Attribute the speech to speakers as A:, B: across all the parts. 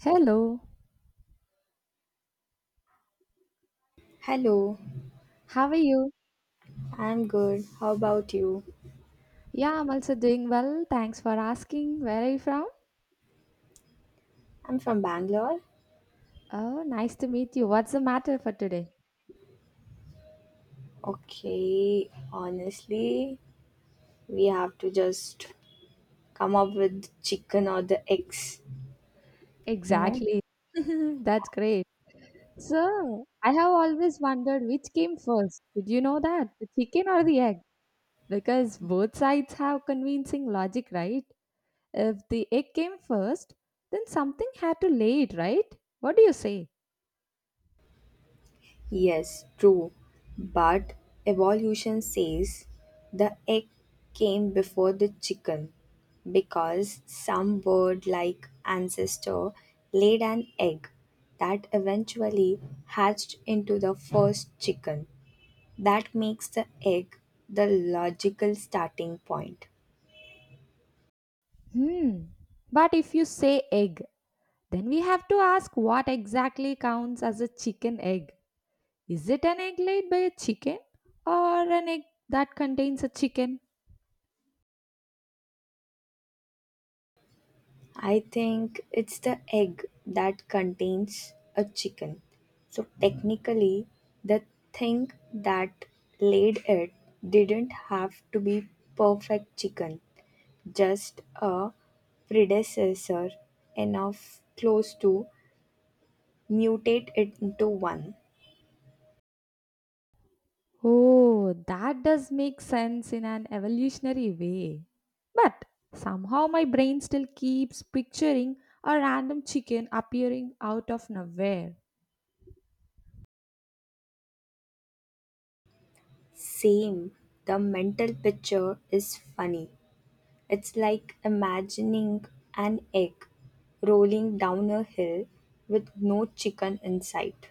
A: Hello,
B: Hello,
A: how are you?
B: I'm good. How about you?
A: Yeah, I'm also doing well. Thanks for asking. Where are you from?
B: I'm from Bangalore.
A: Oh, nice to meet you. What's the matter for today?
B: Okay, honestly, we have to just come up with chicken or the eggs, you know?
A: Exactly. That's great. So, I have always wondered which came first. Did you know that? The chicken or the egg? Because both sides have convincing logic, right? If the egg came first, then something had to lay it, right? What do you say?
B: Yes, true. But evolution says the egg came before the chicken because some bird like ancestor laid an egg that eventually hatched into the first chicken. That makes the egg the logical starting point.
A: Hmm. But if you say egg, then we have to ask what exactly counts as a chicken egg. Is it an egg laid by a chicken or an egg that contains a chicken?
B: I think it's the egg that contains a chicken. So technically, the thing that laid it didn't have to be perfect chicken, just a predecessor enough close to mutate it into one.
A: Oh, that does make sense in an evolutionary way. But somehow my brain still keeps picturing a random chicken appearing out of nowhere.
B: Same, the mental picture is funny. It's like imagining an egg rolling down a hill with no chicken in sight.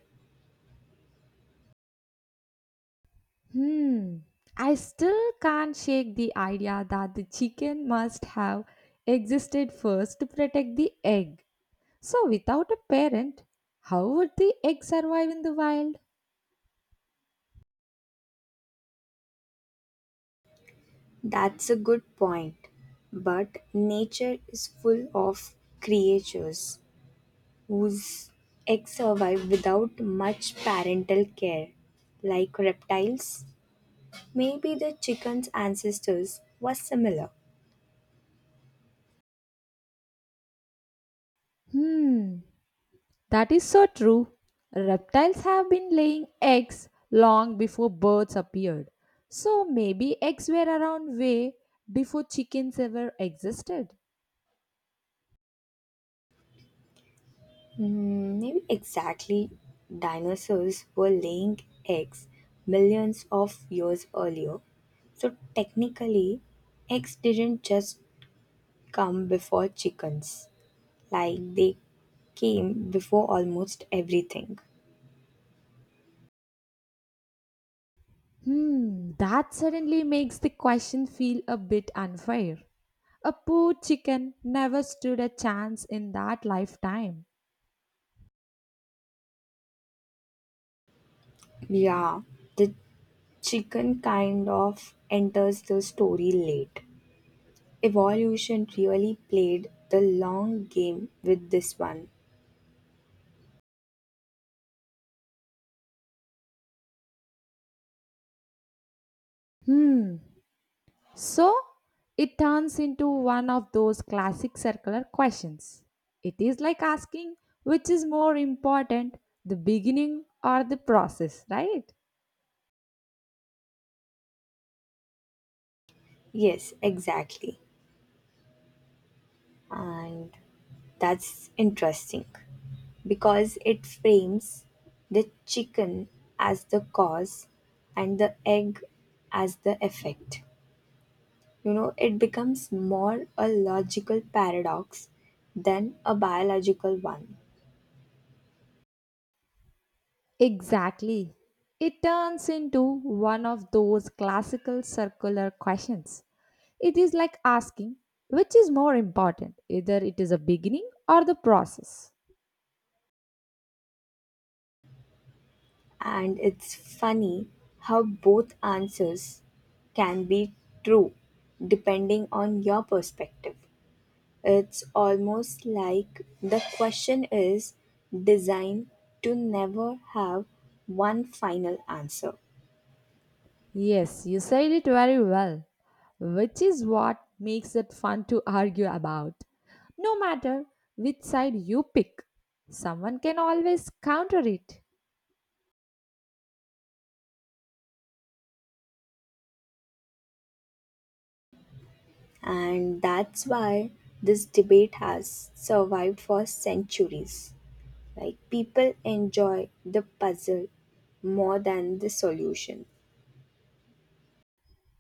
A: Hmm, I still can't shake the idea that the chicken must have existed first to protect the egg. So, without a parent, how would the egg survive in the wild?
B: That's a good point. But nature is full of creatures whose eggs survive without much parental care, like reptiles. Maybe the chicken's ancestors were similar.
A: Hmm, that is so true. Reptiles have been laying eggs long before birds appeared. So, maybe eggs were around way before chickens ever existed.
B: Mm, maybe exactly. Dinosaurs were laying eggs millions of years earlier. So technically, eggs didn't just come before chickens. Like they came before almost everything.
A: Hmm, that suddenly makes the question feel a bit unfair. A poor chicken never stood a chance in that lifetime.
B: Yeah, the chicken kind of enters the story late. Evolution really played the long game with this one.
A: Hmm, so it turns into one of those classic circular questions. It is like asking which is more important, the beginning or the process, right?
B: Yes, exactly. And that's interesting because it frames the chicken as the cause and the egg as the effect. It becomes more a logical paradox than a biological one.
A: Exactly. It turns into one of those classical circular questions. It is like asking which is more important, either it is a beginning or the process.
B: And it's funny how both answers can be true depending on your perspective. It's almost like the question is designed to never have one final answer.
A: Yes, you said it very well, which is what makes it fun to argue about. No matter which side you pick, someone can always counter it.
B: And that's why this debate has survived for centuries. Like people enjoy the puzzle more than the solution.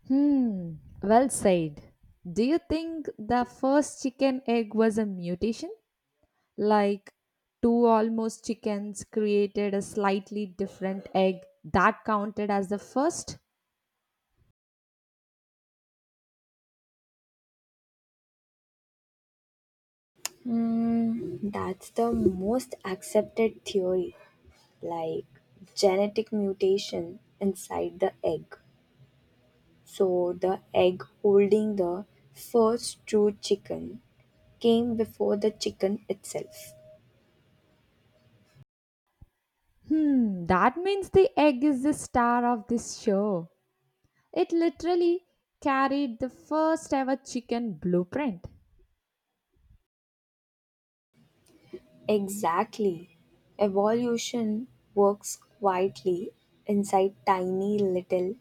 A: Hmm, well said. Do you think the first chicken egg was a mutation? Like two almost chickens created a slightly different egg that counted as the first?
B: Mm, that's the most accepted theory, like genetic mutation inside the egg. So the egg holding the first true chicken came before the chicken itself.
A: Hmm, that means the egg is the star of this show. It literally carried the first ever chicken blueprint.
B: Exactly. Evolution works quietly inside tiny little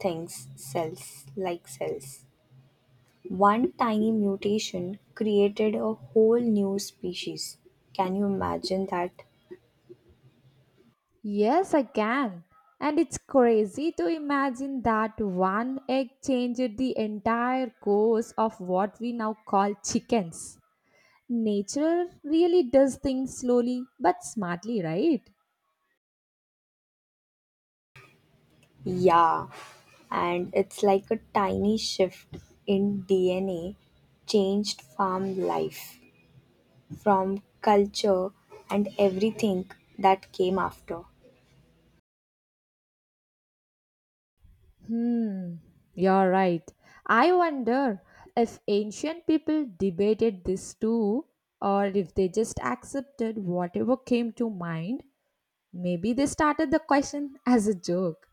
B: things, cells, like cells. One tiny mutation created a whole new species. Can you imagine that?
A: Yes, I can. And it's crazy to imagine that one egg changed the entire course of what we now call chickens. Nature really does things slowly but smartly, right?
B: Yeah. And it's like a tiny shift in DNA changed farm life, from culture and everything that came after.
A: Hmm, you're right. I wonder if ancient people debated this too, or if they just accepted whatever came to mind. Maybe they started the question as a joke.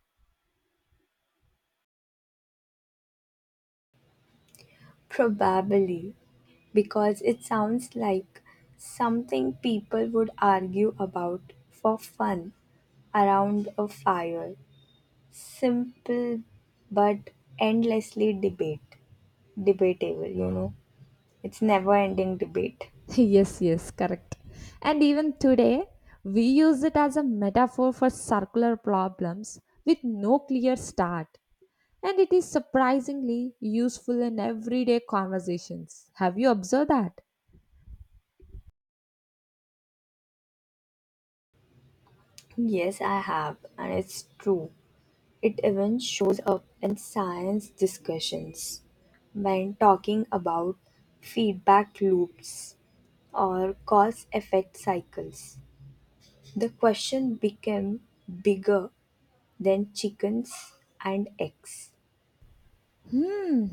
B: Probably because it sounds like something people would argue about for fun around a fire. Simple but endlessly debate. Debatable, It's never ending debate.
A: Yes, yes, correct. And even today, we use it as a metaphor for circular problems with no clear start. And it is surprisingly useful in everyday conversations. Have you observed that?
B: Yes, I have, and it's true. It even shows up in science discussions when talking about feedback loops or cause-effect cycles. The question became bigger than chickens and eggs.
A: Hmm.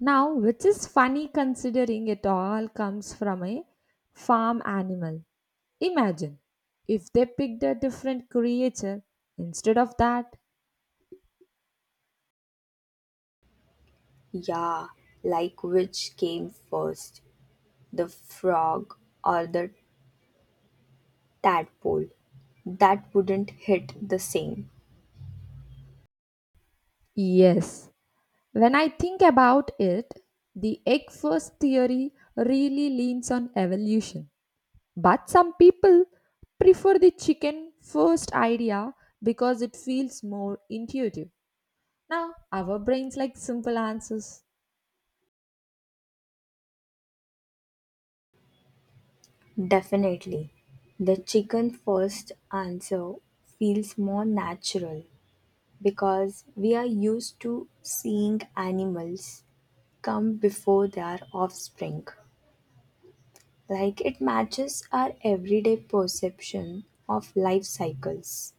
A: Now, which is funny considering it all comes from a farm animal. Imagine if they picked a different creature instead of that.
B: Yeah, like which came first, the frog or the tadpole? That wouldn't hit the same.
A: Yes, when I think about it, the egg first theory really leans on evolution. But some people prefer the chicken first idea because it feels more intuitive. Now, our brains like simple answers.
B: Definitely. The chicken first answer feels more natural because we are used to seeing animals come before their offspring. Like it matches our everyday perception of life cycles.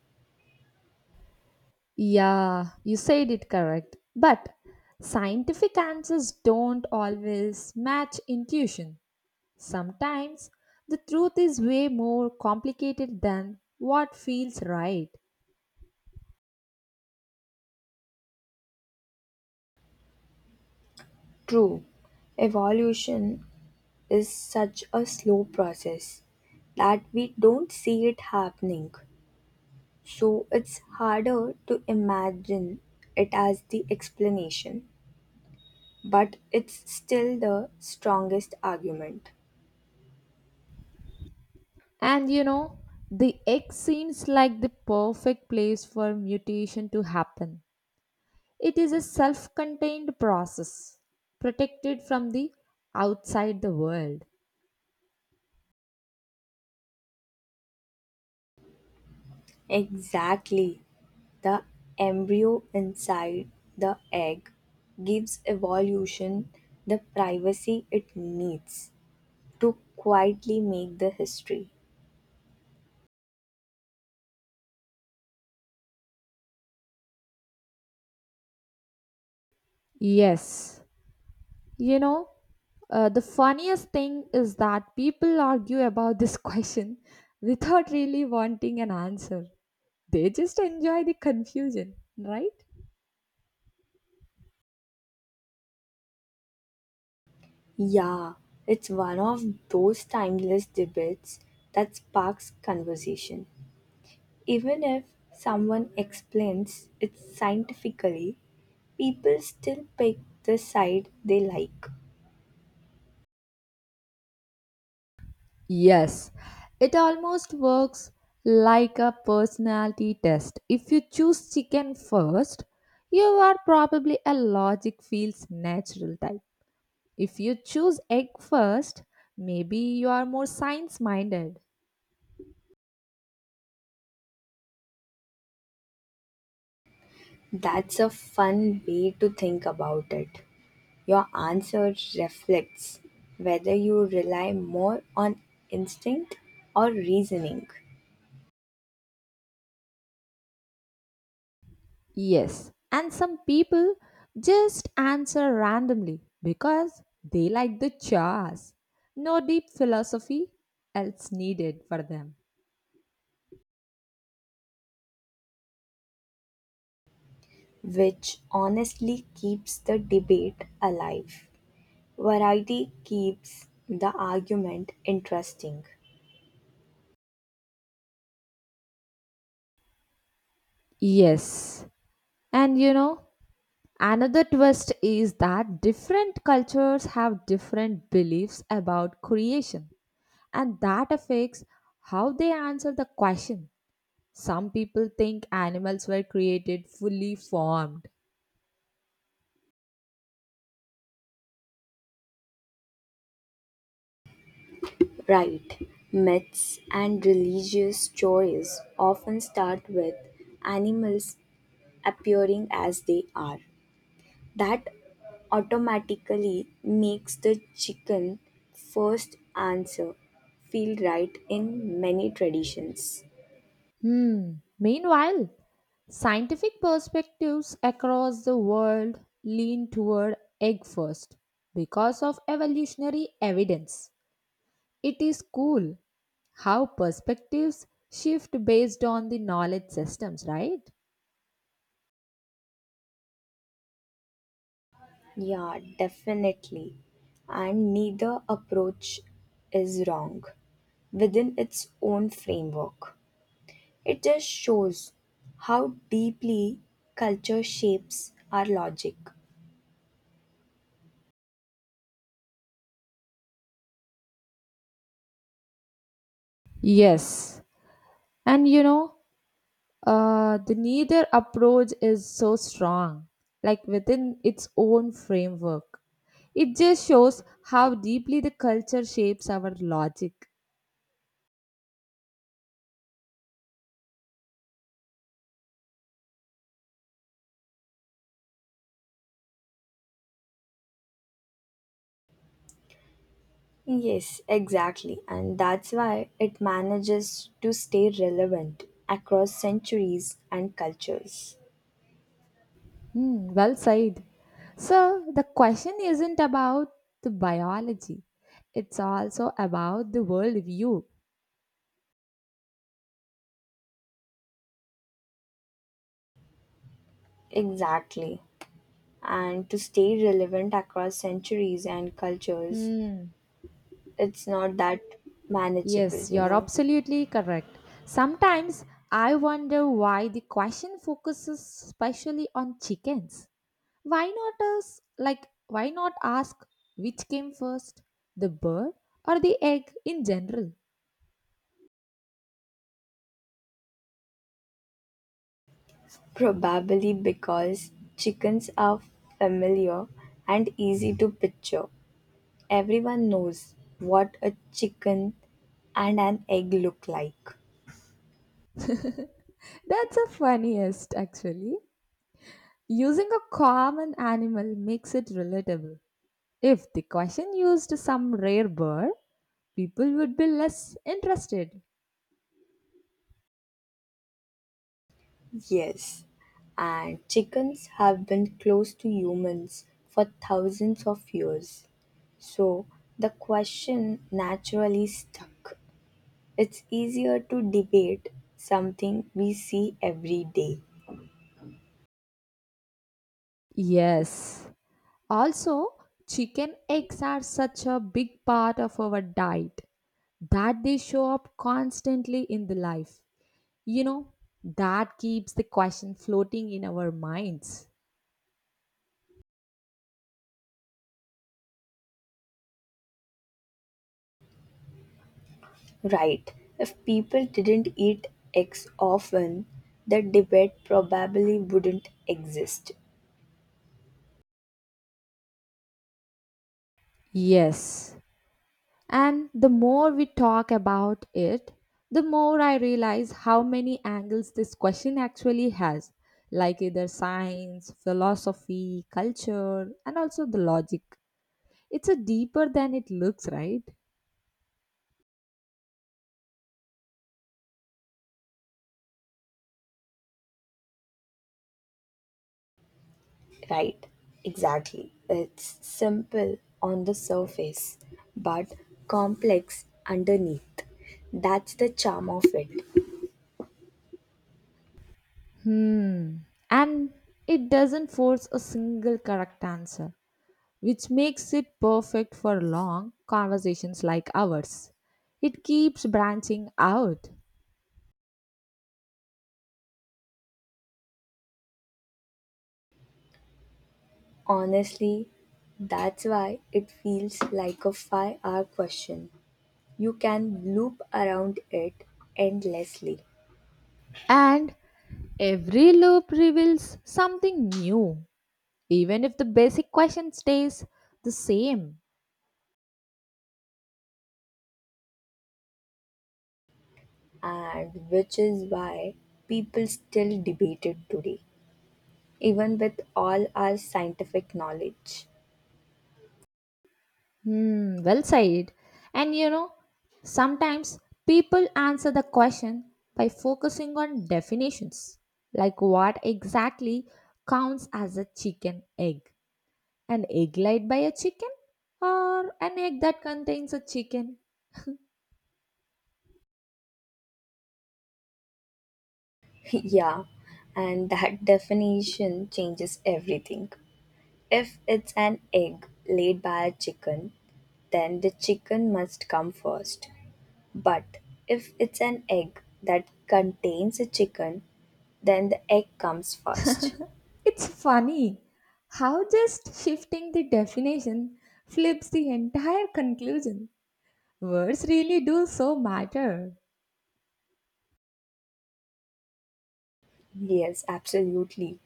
A: Yeah, you said it correct. But scientific answers don't always match intuition. Sometimes the truth is way more complicated than what feels right.
B: True, evolution is such a slow process that we don't see it happening. So it's harder to imagine it as the explanation, but it's still the strongest argument.
A: And you know, the egg seems like the perfect place for mutation to happen. It is a self contained process, protected from the outside the world.
B: Exactly. The embryo inside the egg gives evolution the privacy it needs to quietly make the history.
A: Yes. You know, the funniest thing is that people argue about this question without really wanting an answer. They just enjoy the confusion, right?
B: Yeah, it's one of those timeless debates that sparks conversation. Even if someone explains it scientifically, people still pick the side they like.
A: Yes, it almost works like a personality test. If you choose chicken first, you are probably a logic feels natural type. If you choose egg first, maybe you are more science minded.
B: That's a fun way to think about it. Your answer reflects whether you rely more on instinct or reasoning,
A: Yes, and some people just answer randomly because they like the chores. No deep philosophy else needed for them.
B: which honestly keeps the debate alive. Variety keeps the argument interesting.
A: Yes, and you know, another twist is that different cultures have different beliefs about creation, and that affects how they answer the question. Some people think animals were created fully formed.
B: Right. Myths and religious stories often start with animals appearing as they are. That automatically makes the chicken first answer feel right in many traditions.
A: Hmm. Meanwhile, scientific perspectives across the world lean toward egg first because of evolutionary evidence. It is cool how perspectives shift based on the knowledge systems, right?
B: Yeah, definitely. And neither approach is wrong within its own framework. It just shows how deeply culture shapes our logic.
A: Yes. And you know, the neither approach is so strong, like within its own framework. It just shows how deeply the culture shapes our logic.
B: Yes, exactly. And that's why it manages to stay relevant across centuries and cultures.
A: Hmm, well said. So the question isn't about the biology, it's also about the worldview.
B: Exactly. And to stay relevant across centuries and cultures,
A: Hmm.
B: it's not that manageable,
A: Yes, you're absolutely correct. Sometimes I wonder why the question focuses especially on chickens. Why not us, like why not ask which came first, the bird or the egg in general?
B: Probably because chickens are familiar and easy to picture. Everyone knows what a chicken and an egg look like.
A: That's the funniest, actually. Using a common animal makes it relatable. If the question used some rare bird, people would be less interested.
B: Yes, and chickens have been close to humans for thousands of years. So the question naturally stuck. It's easier to debate something we see every day.
A: Yes. Also, chicken eggs are such a big part of our diet that they show up constantly in the life. You know, that keeps the question floating in our minds.
B: Right, if people didn't eat eggs often, the debate probably wouldn't exist.
A: Yes. And the more we talk about it, the more I realize how many angles this question actually has, like either science, philosophy, culture, and also the logic. It's a deeper than it looks, right?
B: Right, exactly. It's simple on the surface, but complex underneath. That's the charm of it.
A: Hmm. And it doesn't force a single correct answer, which makes it perfect for long conversations like ours. It keeps branching out,
B: Honestly, that's why it feels like a 5-hour question. You can loop around it endlessly,
A: and every loop reveals something new, even if the basic question stays the same.
B: and which is why people still debate it today, even with all our scientific knowledge.
A: Hmm, well said. And you know, sometimes people answer the question by focusing on definitions, like what exactly counts as a chicken egg. An egg laid by a chicken or an egg that contains a chicken?
B: Yeah, and that definition changes everything. If it's an egg laid by a chicken, then the chicken must come first. But if it's an egg that contains a chicken, then the egg comes first.
A: It's funny how just shifting the definition flips the entire conclusion. Words really do so matter.
B: Yes, absolutely.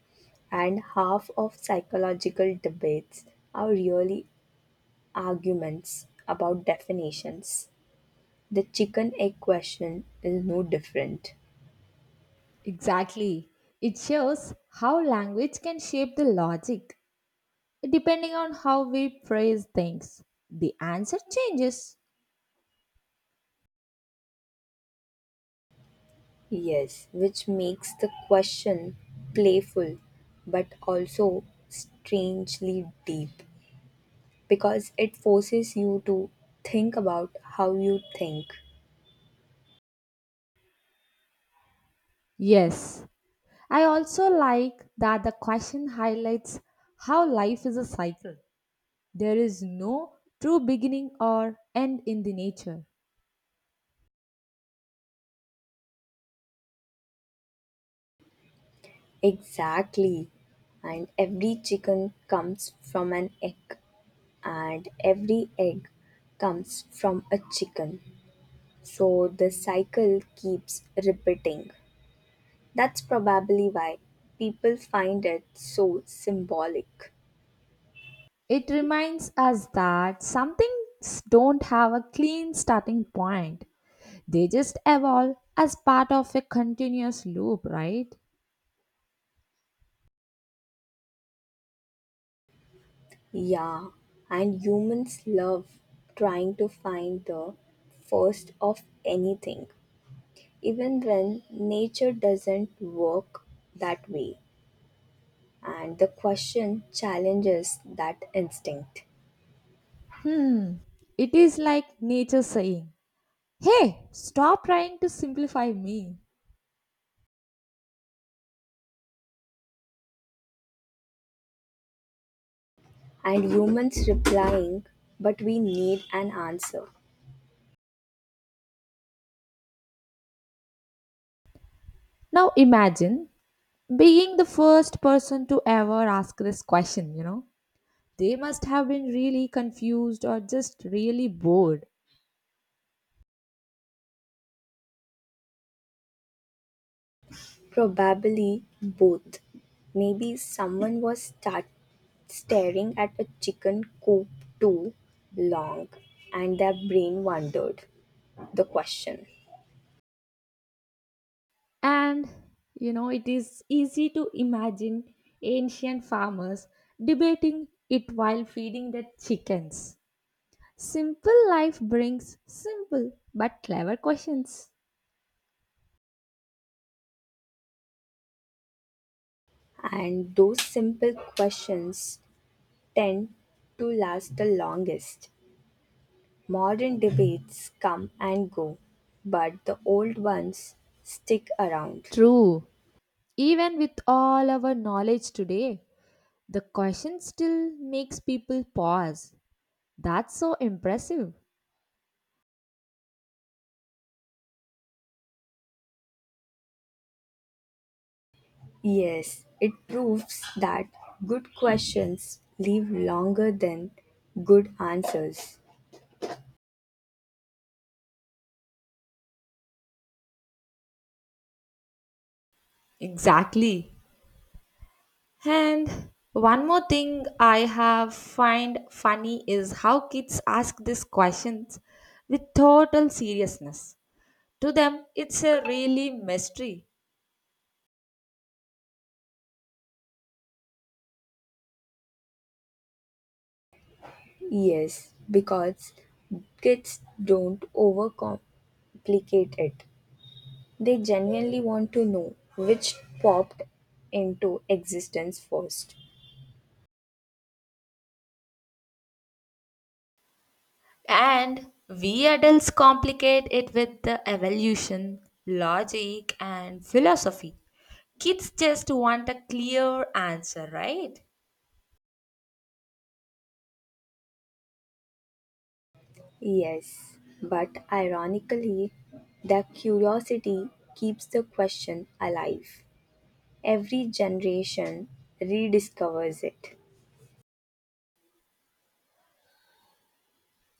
B: And half of psychological debates are really arguments about definitions. The chicken egg question is no different.
A: Exactly. It shows how language can shape the logic depending on how we phrase things. The answer changes.
B: Yes, which makes the question playful but also strangely deep because it forces you to think about how you think.
A: Yes. I also like that the question highlights how life is a cycle. There is no true beginning or end in the nature.
B: Exactly. And every chicken comes from an egg, and every egg comes from a chicken. So the cycle keeps repeating. That's probably why people find it so symbolic.
A: It reminds us that some things don't have a clean starting point. They just evolve as part of a continuous loop, right?
B: Yeah, and humans love trying to find the first of anything, even when nature doesn't work that way. And the question challenges that instinct.
A: Hmm. It is like nature saying, hey, stop trying to simplify me.
B: And humans replying, but we need an answer.
A: Now imagine being the first person to ever ask this question, you know. They must have been really confused or just really bored.
B: Probably both. Maybe someone was start staring at a chicken coop too long and their brain wondered the question.
A: And you know, it is easy to imagine ancient farmers debating it while feeding their chickens. Simple life brings simple but clever questions.
B: And those simple questions tend to last the longest. Modern debates come and go, but the old ones stick around.
A: True. Even with all our knowledge today, the question still makes people pause. That's so impressive.
B: Yes, it proves that good questions live longer than good answers.
A: Exactly. And one more thing I have find funny is how kids ask these questions with total seriousness. To them, it's a really mystery.
B: Yes, because kids don't overcomplicate it. They genuinely want to know which popped into existence first.
A: And we adults complicate it with the evolution, logic, and philosophy. Kids just want a clear answer, right?
B: Yes, but ironically, the curiosity keeps the question alive. Every generation rediscovers it.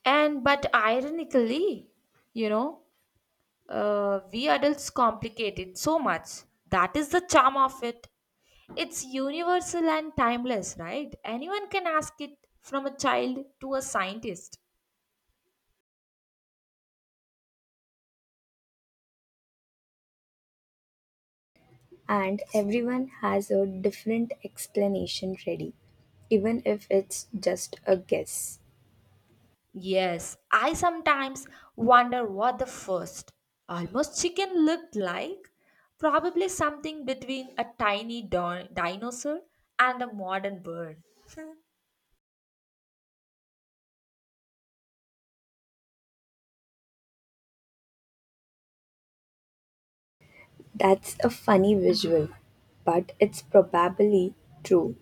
A: And but ironically, you know, we adults complicate it so much. That is the charm of it. It's universal and timeless, right? Anyone can ask it from a child to a scientist.
B: And everyone has a different explanation ready, even if it's just a guess.
A: Yes, I sometimes wonder what the first almost chicken looked like. Probably something between a tiny dinosaur and a modern bird.
B: That's a funny visual, but it's probably true.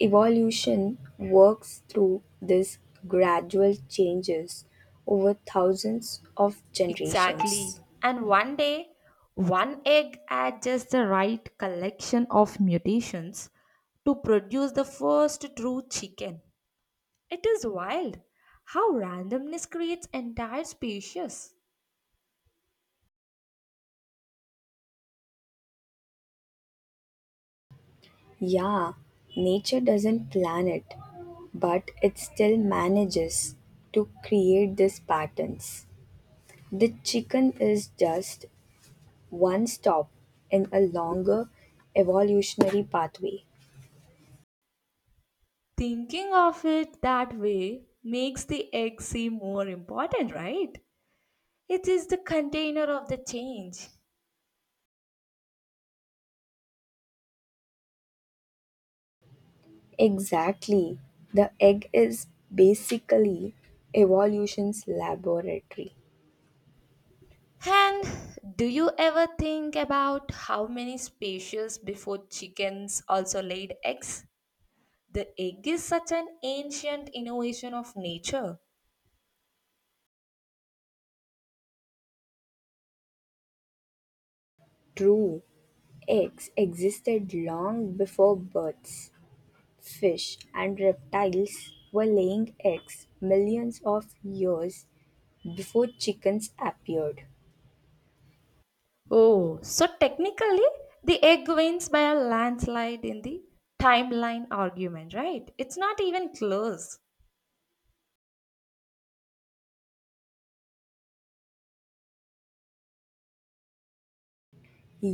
B: Evolution works through these gradual changes over thousands of
A: Exactly.
B: generations.
A: And one day, one egg had just the right collection of mutations to produce the first true chicken. It is wild how randomness creates entire species.
B: Yeah, nature doesn't plan it, but it still manages to create these patterns. The chicken is just one stop in a longer evolutionary pathway.
A: Thinking of it that way makes the egg seem more important, right? It is the container of the change.
B: Exactly. The egg is basically evolution's laboratory.
A: And do you ever think about how many species before chickens also laid eggs? The egg is such an ancient innovation of nature.
B: True. Eggs existed long before birds. Fish and reptiles were laying eggs millions of years before chickens appeared.
A: Oh, so technically, the egg wins by a landslide in the timeline argument, right? It's not even close.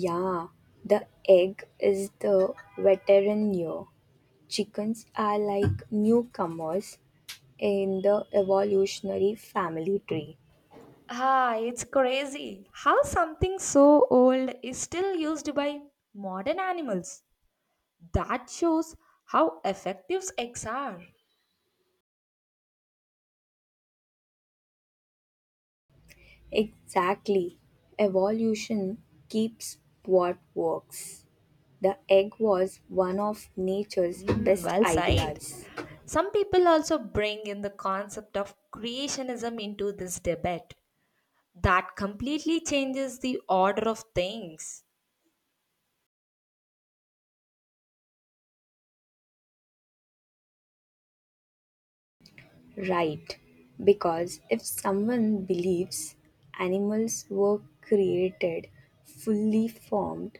B: Yeah, the egg is the veteran year. Chickens are like newcomers in the evolutionary family tree.
A: Ah, it's crazy how something so old is still used by modern animals. That shows how effective eggs are.
B: Exactly. Evolution keeps what works. The egg was one of nature's
A: Mm,
B: best
A: well said.
B: ideas.
A: Some people also bring in the concept of creationism into this debate. That completely changes the order of things.
B: Right, because if someone believes animals were created fully formed,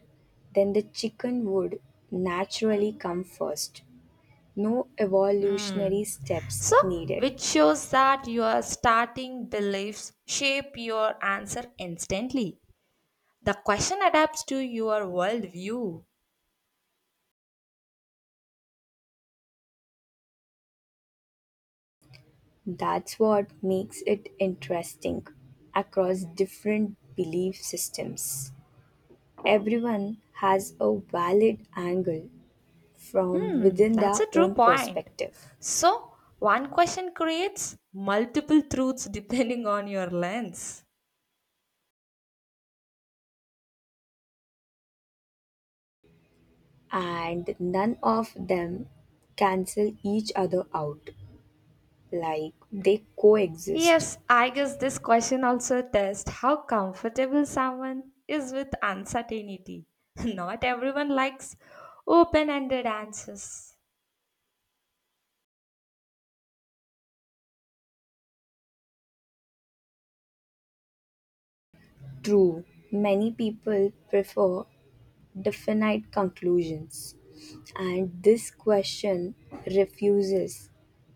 B: then the chicken would naturally come first. No
A: Hmm.
B: evolutionary steps
A: So,
B: needed.
A: which shows that your starting beliefs shape your answer instantly. The question adapts to your worldview.
B: That's what makes it interesting across different belief systems. Everyone has a valid angle from
A: Hmm,
B: within
A: that's a
B: their
A: true
B: own
A: point.
B: perspective.
A: So, one question creates multiple truths depending on your lens.
B: And none of them cancel each other out. Like they coexist.
A: Yes, I guess this question also tests how comfortable someone is with uncertainty. Not everyone likes open ended answers.
B: True, many people prefer definite conclusions, and this question refuses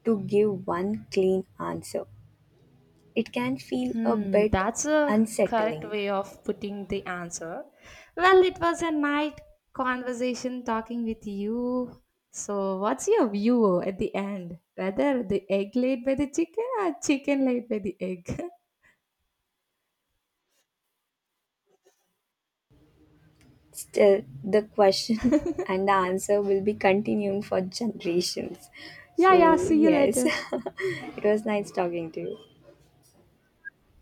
B: to give one clean answer. It can feel a
A: Hmm,
B: bit
A: that's a correct
B: unsettling.
A: way of putting the answer. Well, it was a night conversation talking with you. So, what's your view at the end? Whether the egg laid by the chicken or chicken laid by the egg?
B: Still, the question and the answer will be continuing for generations.
A: Yeah, yeah,
B: So,
A: see you
B: yes,
A: later.
B: it was nice talking to you.